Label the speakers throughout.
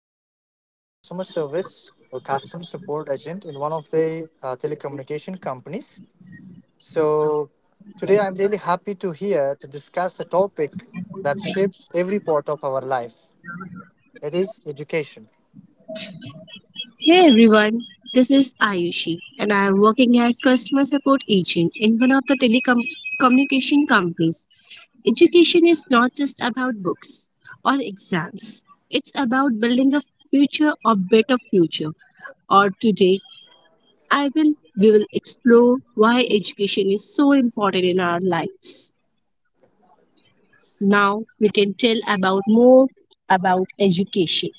Speaker 1: working as a customer service or customer support agent in one of the telecommunication companies. So, today I'm really happy to here to discuss a topic that shapes every part of our life. It is education.
Speaker 2: Hey everyone, this is Ayushi and I am working as customer support agent in one of the telecommunication companies. Education is not just about books or exams. It's about building a future or better future. Or today, I will we will explore why education is so important in our lives. Now we can tell about more about education.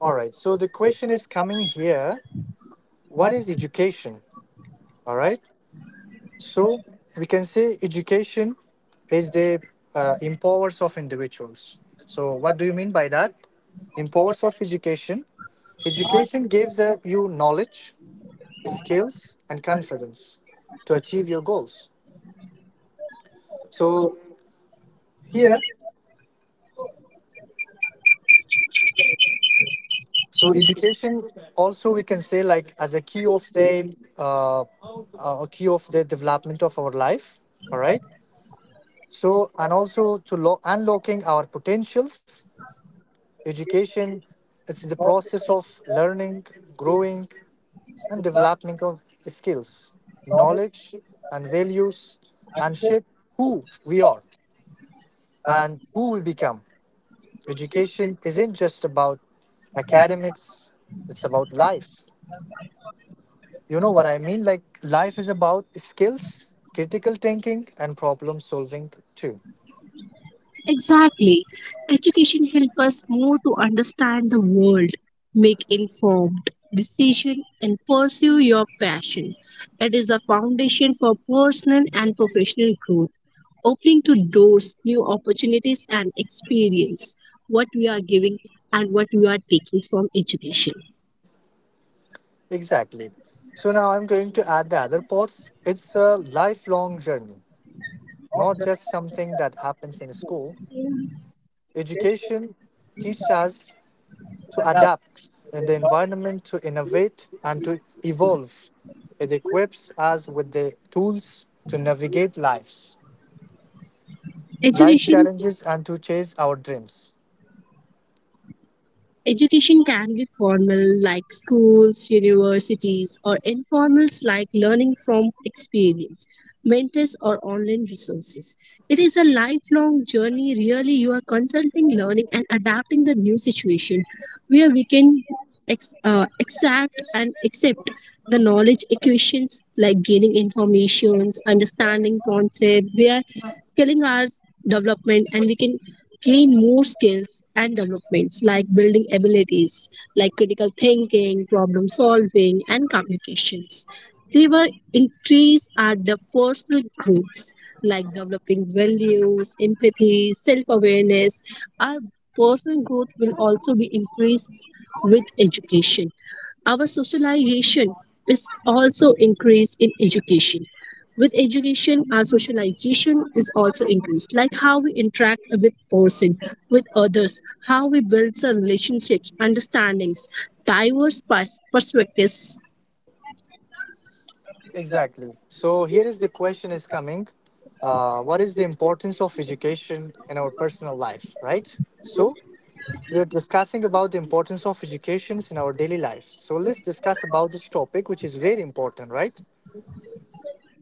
Speaker 1: All right. So, the question is coming here what is education? All right. So we can say education is the empowers of individuals. So what do you mean by that? Empowers of education. Education gives you knowledge, skills, and confidence to achieve your goals. So here, so education also we can say like as a key of the uh, uh, a key of the development of our life. All right. So and also to unlocking our potentials. Education, it's the process of learning, growing, and development of skills, knowledge, and values, and shape who we are and who we become. Education isn't just about academics, it's about life. You know what I mean? Like, life is about skills, critical thinking, and problem solving, too.
Speaker 2: Exactly. Education helps us more to understand the world, make informed decision and pursue your passion. It is a foundation for personal and professional growth, opening to doors, new opportunities and experience what we are giving and what we are taking from education.
Speaker 1: Exactly. So now I'm going to add the other parts. It's a lifelong journey, not just something that happens in school. Education teaches us to adapt in the environment, to innovate, and to evolve. It equips us with the tools to navigate life's
Speaker 2: Education
Speaker 1: challenges and to chase our dreams.
Speaker 2: Education can be formal, like schools, universities, or informal, like learning from experience, mentors, or online resources. It is a lifelong journey. Really, you are consulting, learning, and adapting the new situation where we can exact and accept the knowledge equations, like gaining informations, understanding concept. We are scaling our development, and we can gain more skills and developments, like building abilities like critical thinking, problem solving and communications. River increase are the personal growths, like developing values, empathy, self-awareness. Our personal growth will also be increased with education. Our socialization is also increased in education. With education, our socialization is also increased, like how we interact with person, with others, how we build our relationships, understandings, diverse perspectives.
Speaker 1: Exactly. So here is the question is coming. What is the importance of education in our personal life, right? So we're discussing about the importance of educations in our daily life. So let's discuss about this topic, which is very important, right?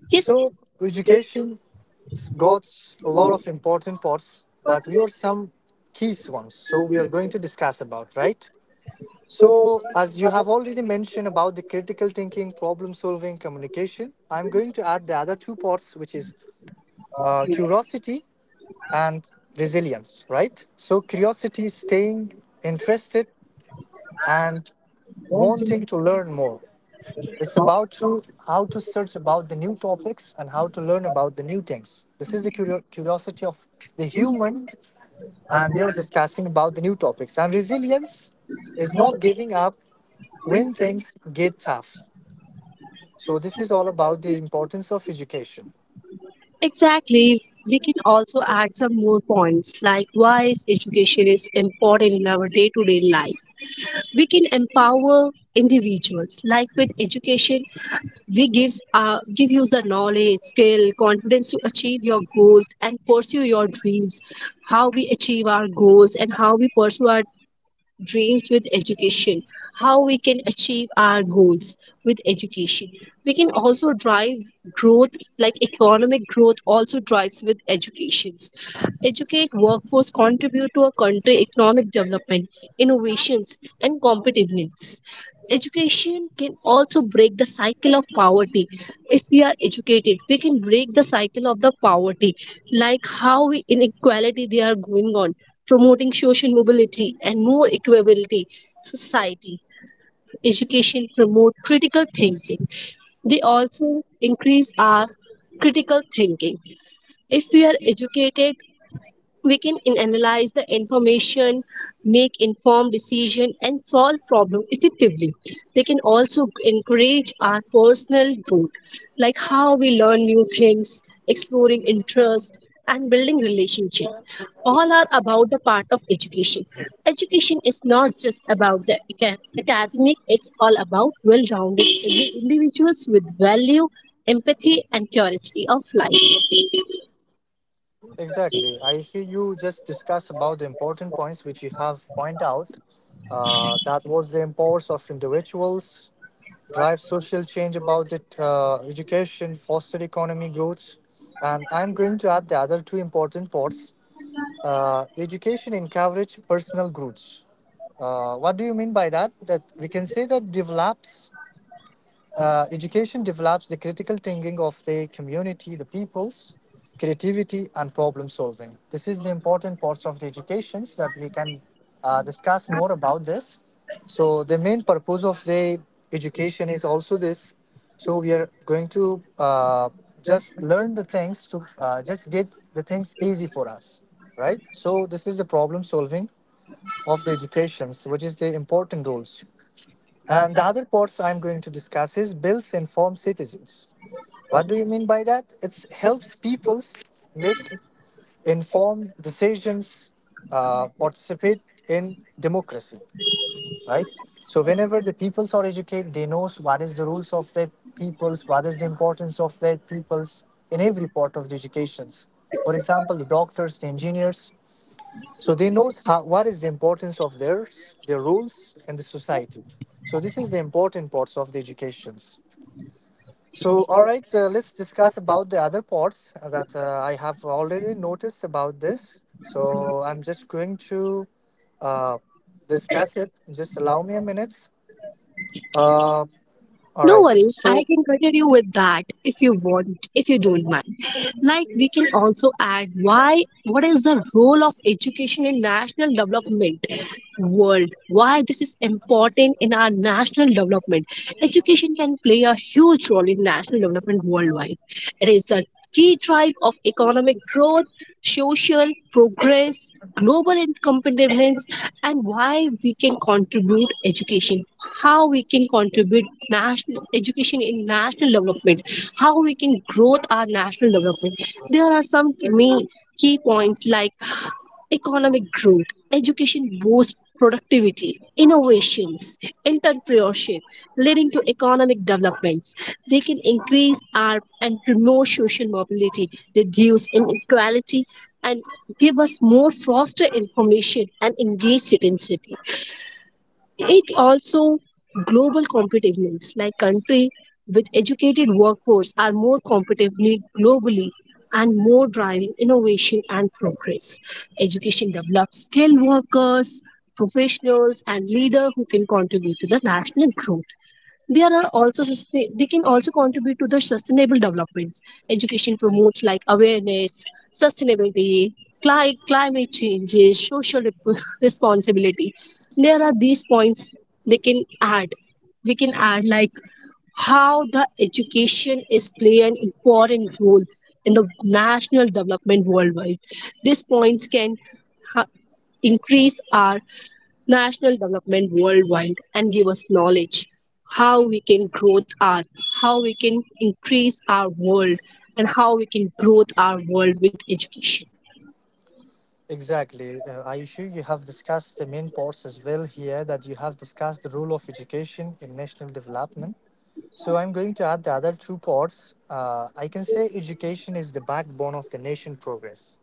Speaker 2: Yes,
Speaker 1: So education got a lot of important parts, but we are some keys ones. So we are going to discuss about, right? So as you have already mentioned about the critical thinking, problem solving, communication, I'm going to add the other two parts, which is curiosity and resilience, right? So curiosity, staying interested, and wanting to learn more. It's about to, how to search about the new topics and how to learn about the new things. This is the curiosity of the human, and they're discussing about the new topics. And resilience is not giving up when things get tough. So this is all about the importance of education.
Speaker 2: exactly. We can also add some more points like why is education is important in our day-to-day life. We can empower individuals, like with education we give you the knowledge, skill, confidence to achieve your goals and pursue your dreams. How we achieve our goals and how we pursue our dreams with education, how we can achieve our goals with education. We can also drive growth, like economic growth also drives with educations. Educate workforce contribute to a country economic development, innovations and competitiveness. Education can also break the cycle of poverty. If we are educated, we can break the cycle of the poverty, like how inequality they are going on, promoting social mobility and more equability society. Education promote critical thinking, they also increase our critical thinking. If we are educated, we can analyze the information, make informed decision and solve problem effectively. They can also encourage our personal growth, like how we learn new things, exploring interest and building relationships. All are about the part of education. Education is not just about the academic, it's all about well-rounded individuals with value, empathy and curiosity of life.
Speaker 1: Exactly. I see you just discuss about the important points which you have point out. That was the importance of individuals, drive social change about it, education, foster economy growth. And I'm going to add the other two important parts. Education encourage personal growth. What do you mean by that? That we can say that develops education develops the critical thinking of the community, the peoples, creativity, and problem solving. This is the important parts of the educations that we can discuss more about this. So the main purpose of the education is also this. So we are going to just learn the things to just get the things easy for us, right? So this is the problem solving of the educations, which is the important roles. And the other parts I'm going to discuss is builds informed citizens. What do you mean by that? It helps people make informed decisions, participate in democracy, right? So whenever the peoples are educated, they knows what is the rules of their peoples, what is the importance of their peoples in every part of the educations. For example, the doctors, the engineers, so they knows how, what is the importance of theirs, their rules, and the society. So this is the important parts of the educations. So all right, so let's discuss about the other parts that I have already noticed about this. So I'm just going to uh, discuss it. Just allow me a minute. Uh, all
Speaker 2: No
Speaker 1: right.
Speaker 2: worries, I
Speaker 1: So
Speaker 2: can continue with that if you want, if you don't mind. Like we can also add why, what is the role of education in national development world? Why this is important in our national development? Education can play a huge role in national development worldwide. It is a key drive of economic growth, social progress, global competitiveness, and why we can contribute education, how we can contribute national education in national development, how we can growth our national development. There are some main key points like economic growth. Education boosts productivity, innovations, entrepreneurship, leading to economic developments. They can increase our and promote social mobility, reduce inequality, and give us more foster information and engage citizenship. It also global competitiveness, like country with educated workforce are more competitively globally and more driving innovation and progress. Education develops skilled workers, professionals and leaders who can contribute to the national growth. There are also they can also contribute to the sustainable developments. Education promotes like awareness, sustainability, climate changes, social rep- responsibility. There are these points they can add. We can add like how the education is play an important role in the national development worldwide. These points can ha- increase our national development worldwide and give us knowledge, how we can grow our, how we can increase our world, and how we can grow our world with education.
Speaker 1: exactly, Ayushu, you have discussed the main parts as well here. That you have discussed the role of education in national development. So I'm going to add the other two parts. I can say education is the backbone of the nation progress.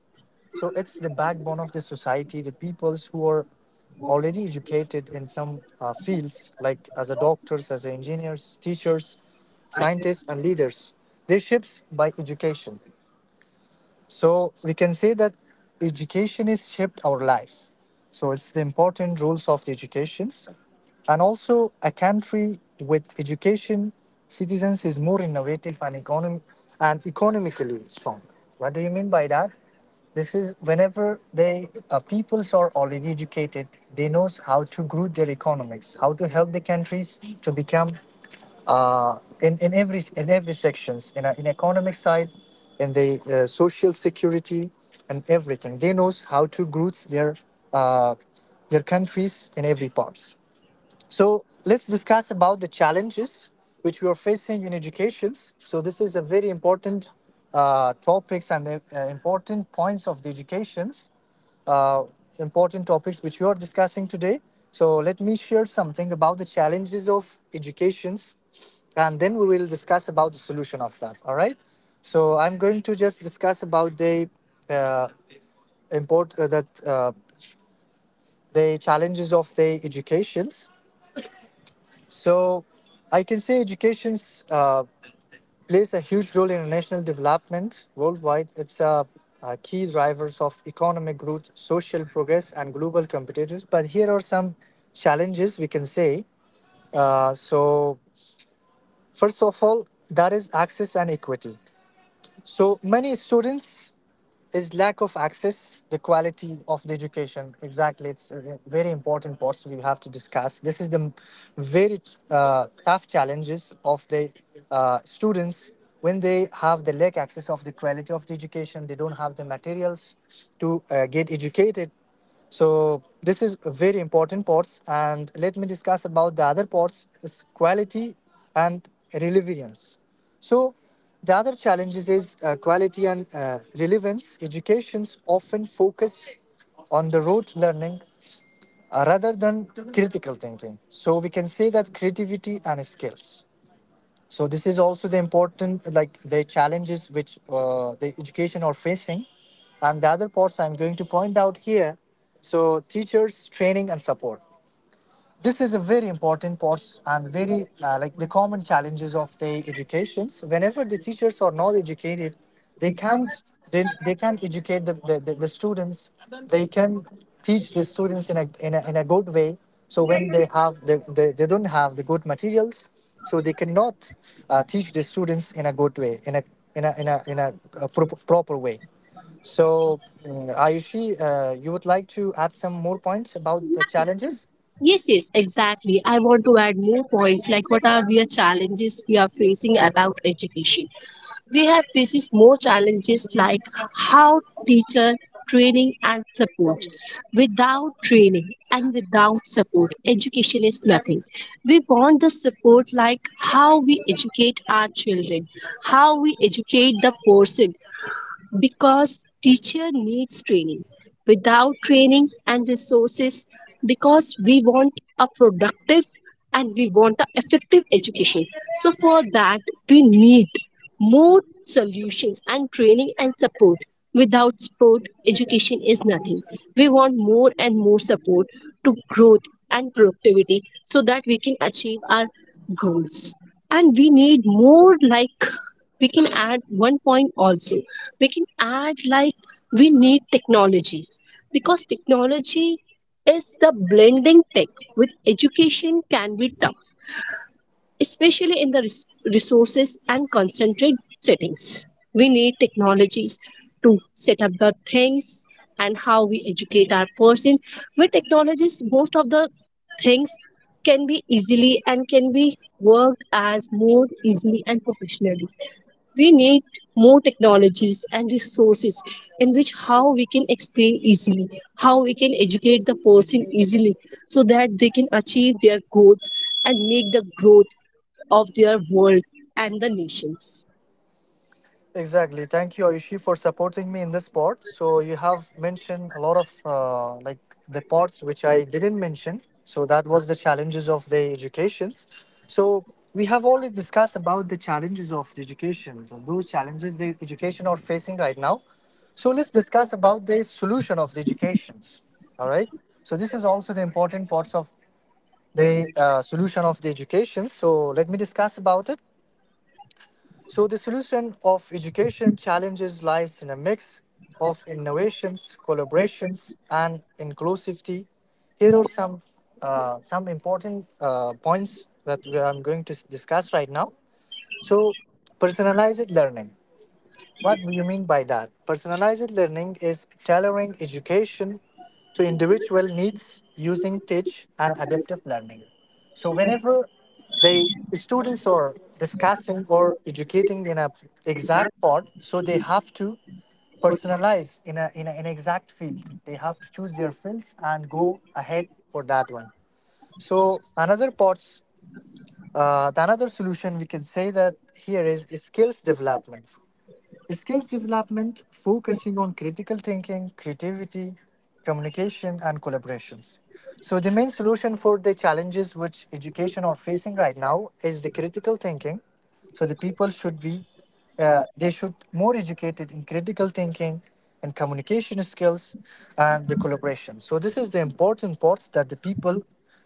Speaker 1: So it's the backbone of the society. The peoples who are already educated in some fields, like as a doctors, as a engineers, teachers, scientists, and leaders, they shapes by education. So we can say that education has shaped our life. So it's the important rules of the educations. And also a country with education citizens is more innovative and and economically strong. What do you mean by that? This is whenever they peoples are already educated, they knows how to grow their economics, how to help the countries to become uh, in every in every sections in economic side in the social security and everything they knows how to root uh, their countries in every parts. So let's discuss about the challenges which we are facing in educations. So this is a very important topics and important points of the educations, uh, important topics which you are discussing today. So let me share something about the challenges of educations, and then we will discuss about the solution of that. All right. So I'm going to just discuss about the uh, import that the challenges of the educations. So I can say educations. Plays a huge role in national development worldwide. It's a key drivers of economic growth, social progress, and global competitiveness. But here are some challenges we can say. So, first of all, that is access and equity. So many students is lack of access, the quality of the education. Exactly, it's a very important parts we have to discuss. This is the very tough challenges of the students when they have the lack access of the quality of the education. They don't have the materials to get educated. So this is very important parts, and let me discuss about the other parts is quality and relevance. So the other challenges is quality and relevance. Educations often focus on the rote learning rather than critical thinking. So we can say that creativity and skills. So this is also the important, like the challenges which the education are facing, and the other parts I'm going to point out here. So teachers, training, and support this is a very important part and very like the common challenges of the educations whenever the teachers are not educated they can't they can not educate the students. They can teach the students in a good way. So when they have they don't have the good materials, so they cannot teach the students in a good way in a a proper way. So Ayushi, you would like to add some more points about the challenges.
Speaker 2: Yes, exactly, I want to add more points like what are the challenges we are facing about education. We have faces more challenges, like how teacher training and support. Without training and without support, education is nothing. We want the support, like how we educate our children, how we educate the person, because teacher needs training. Without training and resources, because we want a productive, and we want an effective education. So for that, we need more solutions and training and support. Without support, education is nothing. We want more and more support to growth and productivity, so that we can achieve our goals. And we need more. Like we can add one point also. We can add like we need technology, because technology is the blending tech with education, can be tough, especially in the resources and concentrated settings. We need technologies to set up the things and how we educate our person. With technologies, most of the things can be easily and can be worked as more easily and professionally. We need more technologies and resources, in which how we can explain easily, how we can educate the person easily, so that they can achieve their goals and make the growth of their world and the nations.
Speaker 1: Exactly. Thank you, Ayushi, for supporting me in this part. So you have mentioned a lot of like the parts which I didn't mention. So that was the challenges of the educations. So we have already discussed about the challenges of the education, so those challenges the education are facing right now. So let's discuss about the solution of the educations. All right. So this is also the important parts of the solution of the education. So let me discuss about it. So the solution of education challenges lies in a mix of innovations, collaborations, and inclusivity. Here are some important points that we I'm going to discuss right now. So personalized learning. What do you mean by that? Personalized learning is tailoring education to individual needs using teach and adaptive learning. So whenever the students are discussing or educating in a exact part, so they have to personalize in a exact field. They have to choose their fields and go ahead for that one. So another parts, the another solution we can say that here is skills development. Skills development focusing on critical thinking, creativity, communication, and collaborations. So, the main solution for the challenges which education are facing right now is the critical thinking. So, the people should be, they should more educated in critical thinking and communication skills and the collaboration. So, this is the important parts that the people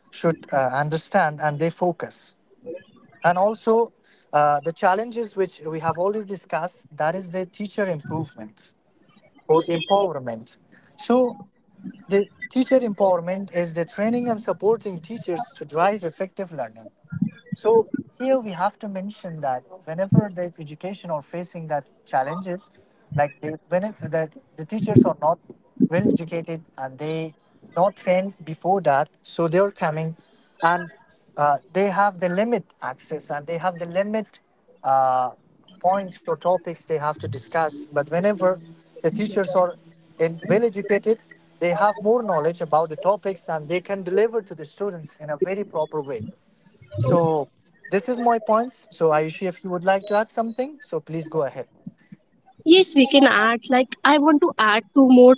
Speaker 1: should understand and they focus. And also the challenges which we have already discussed that is the teacher improvement or empowerment. So the teacher empowerment is the training and supporting teachers to drive effective learning. So here we have to mention that whenever the education are facing that challenges, like they, when it, the teachers are not well educated and they not trained before that, so they are coming and they have the limit access and they have the limit uh, points or topics they have to discuss. But whenever the teachers are in well educated, they have more knowledge about the topics and they can deliver to the students in a very proper way. So this is my points. So Ayushi, if you would like to add something, so please go ahead.
Speaker 2: Yes, we can add like, I want to add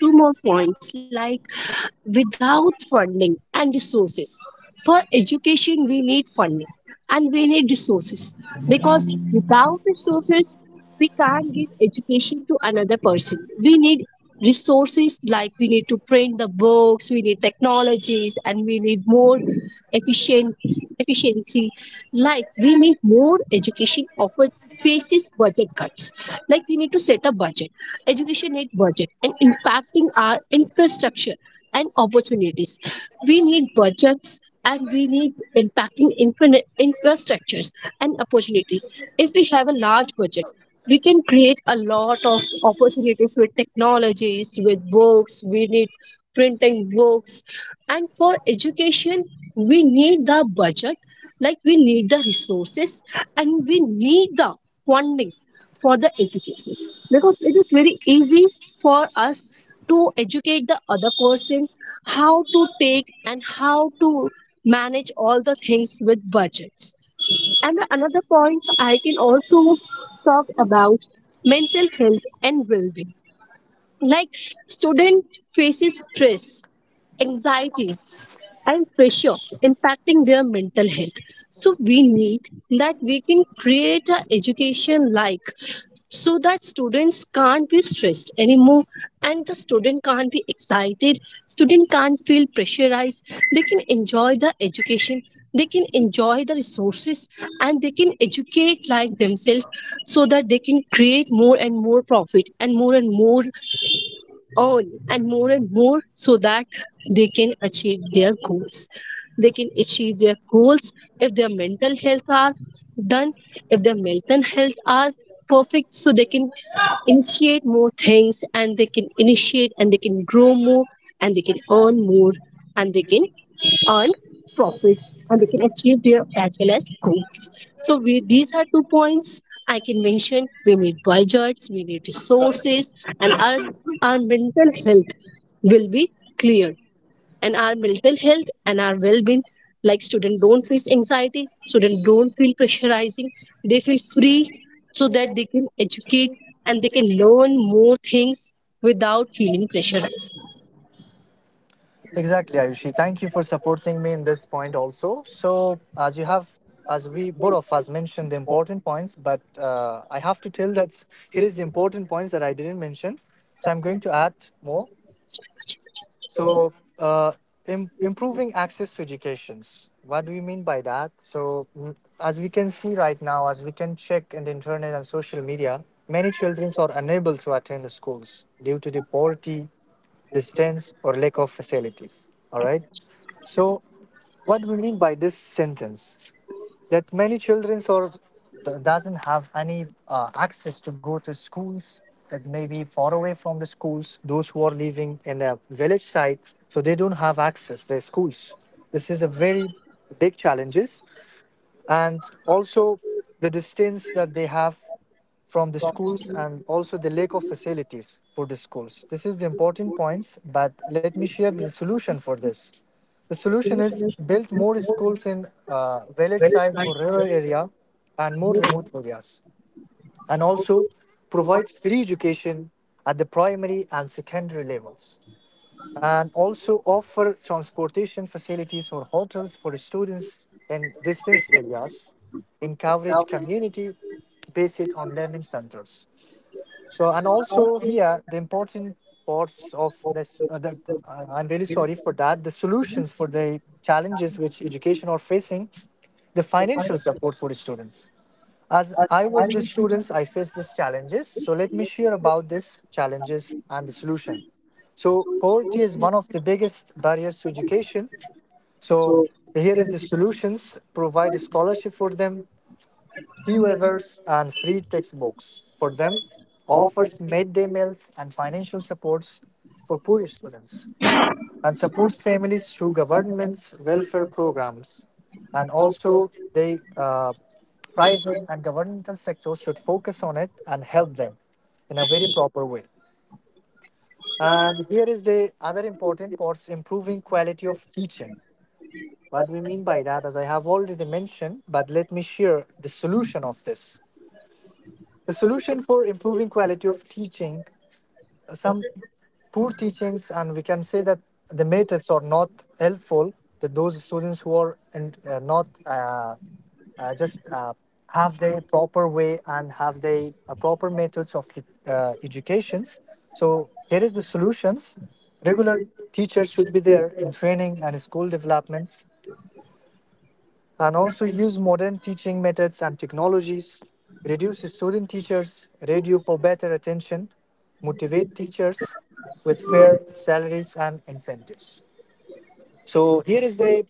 Speaker 2: two more points, like without funding and resources. For education, we need funding and we need resources, because without resources, we can't give education to another person. We need resources, like we need to print the books, we need technologies, and we need more efficient efficiency. Like we need more education offered faces budget cuts. Like we need to set a budget. Education need budget and impacting our infrastructure and opportunities. We need budgets and we need impacting infrastructures and opportunities. If we have a large budget, we can create a lot of opportunities with technologies, with books. We need printing books, and for education, we need the budget, like we need the resources and we need the funding for the education, because it is very easy for us to educate the other person, how to take and how to manage all the things with budgets. And another point I can also talk about, mental health and well-being. Like student faces stress, anxieties and pressure, impacting their mental health. So we need that we can create a education like, so that students can't be stressed anymore, and the student can't be excited, student can't feel pressurized. They can enjoy the education, they can enjoy the resources, and they can educate like themselves, so that they can create more and more profit and more on and more and more, so that they can achieve their goals, they can achieve their goals. If their mental health are done, if their mental health are perfect, so they can initiate more things, and they can initiate and they can grow more, and they can earn more, and they can earn profits, and they can achieve their as well as goals. So these are two points I can mention. We need budgets, we need resources, and our mental health will be cleared. And our mental health and our well-being, like students don't face anxiety, students don't feel pressurizing, they feel free, so that they can educate and they can learn more things without feeling pressurized.
Speaker 1: Exactly, Ayushi. Thank you for supporting me in this point also. So as you have, as we both of us mentioned the important points, but I have to tell that here is the important points that I didn't mention. So I'm going to add more. So, uh, Improving access to educations. What do you mean by that? As we can see right now, as we can check in the internet and social media, many children are unable to attend the schools due to the poverty, distance, or lack of facilities. All right. So, what do we mean by this sentence? That many children or doesn't have any access to go to schools that may be far away from the schools, those who are living in a village side, so they don't have access their schools. This is a very big challenges, and also the distance that they have from the schools, and also the lack of facilities for the schools. This is the important points, but let me share the solution for this. The solution is build more schools in village side or rural area and more remote areas, and also provide free education at the primary and secondary levels, and also offer transportation facilities or hotels for students in distance areas, encourage community based on learning centers. So, and also here the important parts of this, I'm really sorry for that, the solutions for the challenges which education are facing, the financial support for the students. As I was the students, I faced these challenges. So let me share about these challenges and the solution. So poverty is one of the biggest barriers to education. So here is the solutions: provide a scholarship for them, fee waivers, and free textbooks for them, offers midday meals and financial supports for poor students and support families through government's welfare programs. And also, the private and governmental sectors should focus on it and help them in a very proper way. And here is the other important parts improving quality of teaching. What we mean by that, as I have already mentioned, but let me share the solution of this. The solution for improving quality of teaching, some poor teachings, and we can say that the methods are not helpful to those students who are in, not just have the proper way and have the proper methods of the educations. So here is the solutions: regular teachers should be there in training and school developments, and also use modern teaching methods and technologies, reduce student teachers' radio for better attention, motivate teachers with fair salaries and incentives. So here is the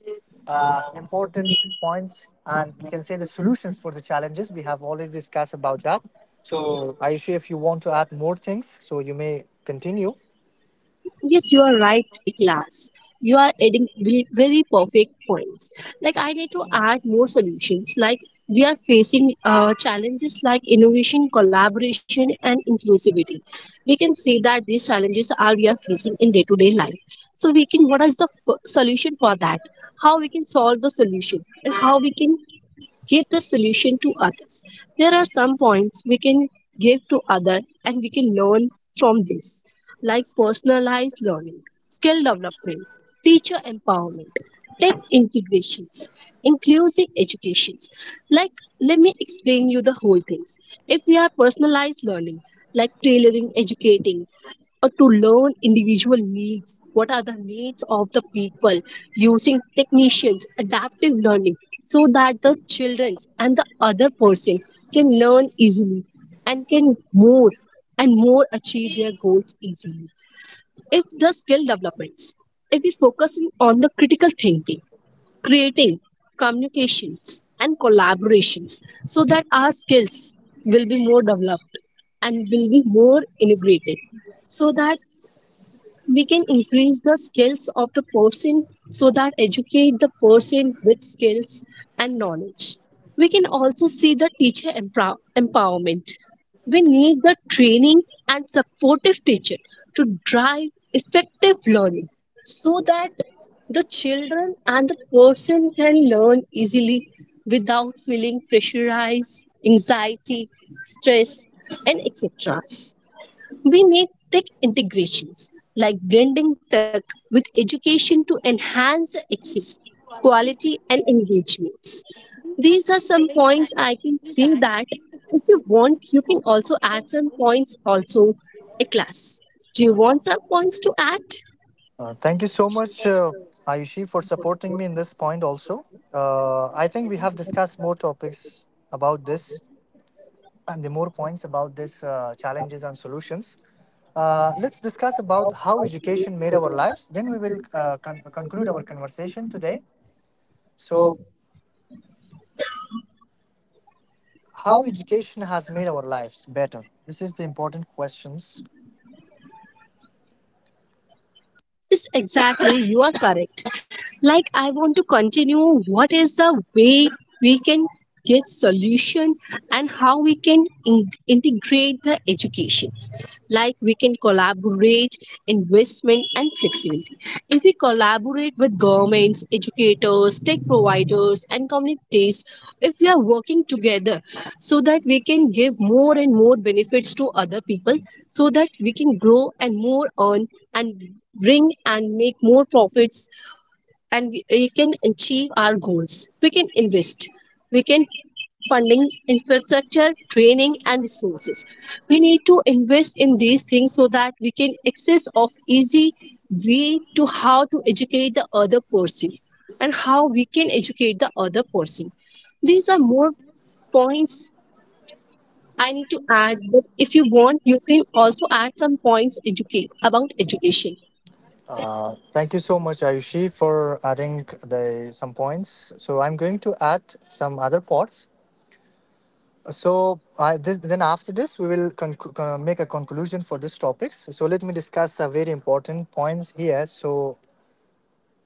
Speaker 1: important points, and we can say the solutions for the challenges. We have already discussed about that. So Aisha, if you want to add more things, so you may continue.
Speaker 2: Yes, you are right, class. You are adding very very perfect points. Like I need to add more solutions. Like we are facing challenges like innovation, collaboration, and inclusivity. We can say that these challenges are we are facing in day to day life. So we can what is the solution for that? How we can solve the solution, and how we can give the solution to others. There are some points we can give to other and we can learn from this, like personalized learning, skill development, teacher empowerment, tech integrations, inclusive educations. Like let me explain you the whole things. If we are personalized learning, like tailoring educating or to learn individual needs. What are the needs of the people, using technicians, adaptive learning, so that the children and the other person can learn easily and can more and more achieve their goals easily. If the skill developments, if we focus in on the critical thinking, creating communications and collaborations, so that our skills will be more developed and will be more integrated, so that we can increase the skills of the person, so that educate the person with skills and knowledge. We can also see the teacher empowerment. We need the training and supportive teacher to drive effective learning, so that the children and the person can learn easily without feeling pressurized, anxiety, stress and etc. We need tech integrations, like blending tech with education to enhance the access, quality, and engagements. These are some points I can say that. If you want, you can also add some points also, a class. Do you want some points to add?
Speaker 1: Thank you so much, Ayushi, for supporting me in this point also. I think we have discussed more topics about this and the more points about this challenges and solutions. Let's discuss about how education made our lives. Then we will conclude our conversation today. So, how education has made our lives better? This is the important questions.
Speaker 2: Yes, exactly. You are correct. Like I want to continue what is the way we can get solution, and how we can integrate the educations. Like we can collaborate investment and flexibility. If we collaborate with governments, educators, tech providers and communities, if we are working together, so that we can give more and more benefits to other people, so that we can grow and more earn and bring and make more profits, and we can achieve our goals. We can invest, we can funding infrastructure, training and resources. We need to invest in these things, so that we can access of easy way to how to educate the other person, and how we can educate the other person. These are more points I need to add, but if you want, you can also add some points educate about education.
Speaker 1: Thank you so much, Ayushi, for adding the some points. So I'm going to add some other points. Then after this, we will make a conclusion for this topics. So let me discuss a very important points here. So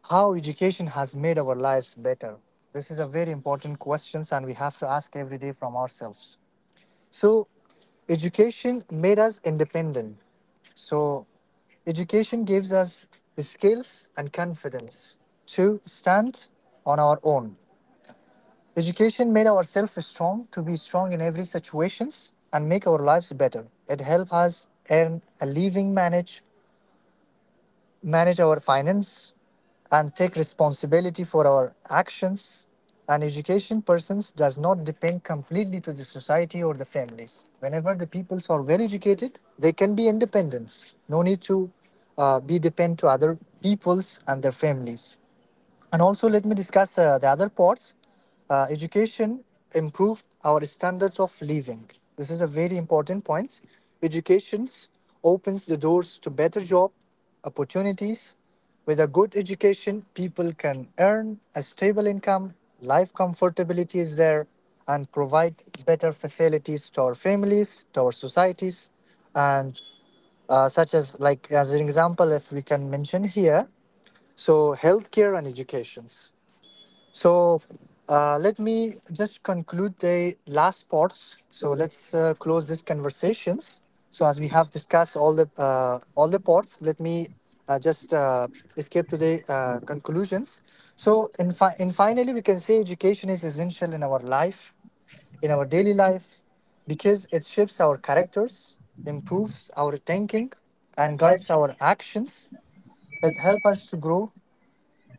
Speaker 1: how education has made our lives better. This is a very important questions, and we have to ask every day from ourselves. So education made us independent. So education gives us the skills and confidence to stand on our own. Education made ourselves strong to be strong in every situations and make our lives better. It helped us earn a living, manage our finance, and take responsibility for our actions. And education persons does not depend completely to the society or the families. Whenever the peoples are well educated, they can be independent. No need to be depend to other peoples and their families. And also, let me discuss the other parts. Education improved our standards of living. This is a very important point. Education opens the doors to better job opportunities. With a good education, people can earn a stable income, life comfortability is there, and provide better facilities to our families, to our societies, and such as like as an example if we can mention here so, healthcare and educations. So, let me just conclude the last parts. So, let's close these conversations. So, as we have discussed all the all the parts, let me just escape to the conclusions. So, and finally, we can say education is essential in our life, in our daily life, because it shapes our characters, improves our thinking, and guides our actions. It help us to grow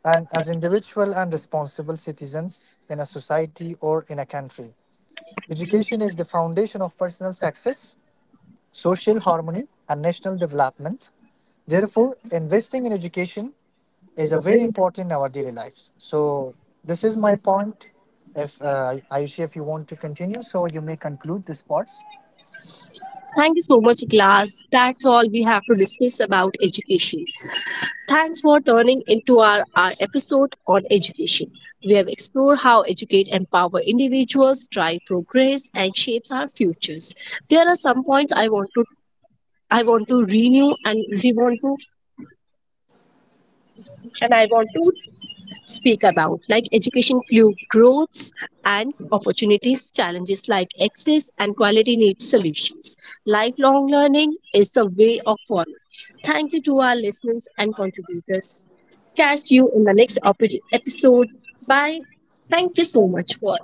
Speaker 1: and as individual and responsible citizens in a society or in a country. Education is the foundation of personal success, social harmony, and national development. Therefore, investing in education is a very important in our daily lives. So, this is my point. If Ayushi, if you want to continue, so you may conclude this part.
Speaker 2: Thank you so much, class. That's all we have to discuss about education. Thanks for turning into our episode on education. We have explored how educate empower individuals, drive progress, and shapes our futures. There are some points I want to renew and re want to and I want to speak about, like education fuel growths and opportunities, challenges like access and quality needs solutions. Lifelong learning is the way of forward. Thank you to our listeners and contributors. Catch you in the next episode. Bye. Thank you so much for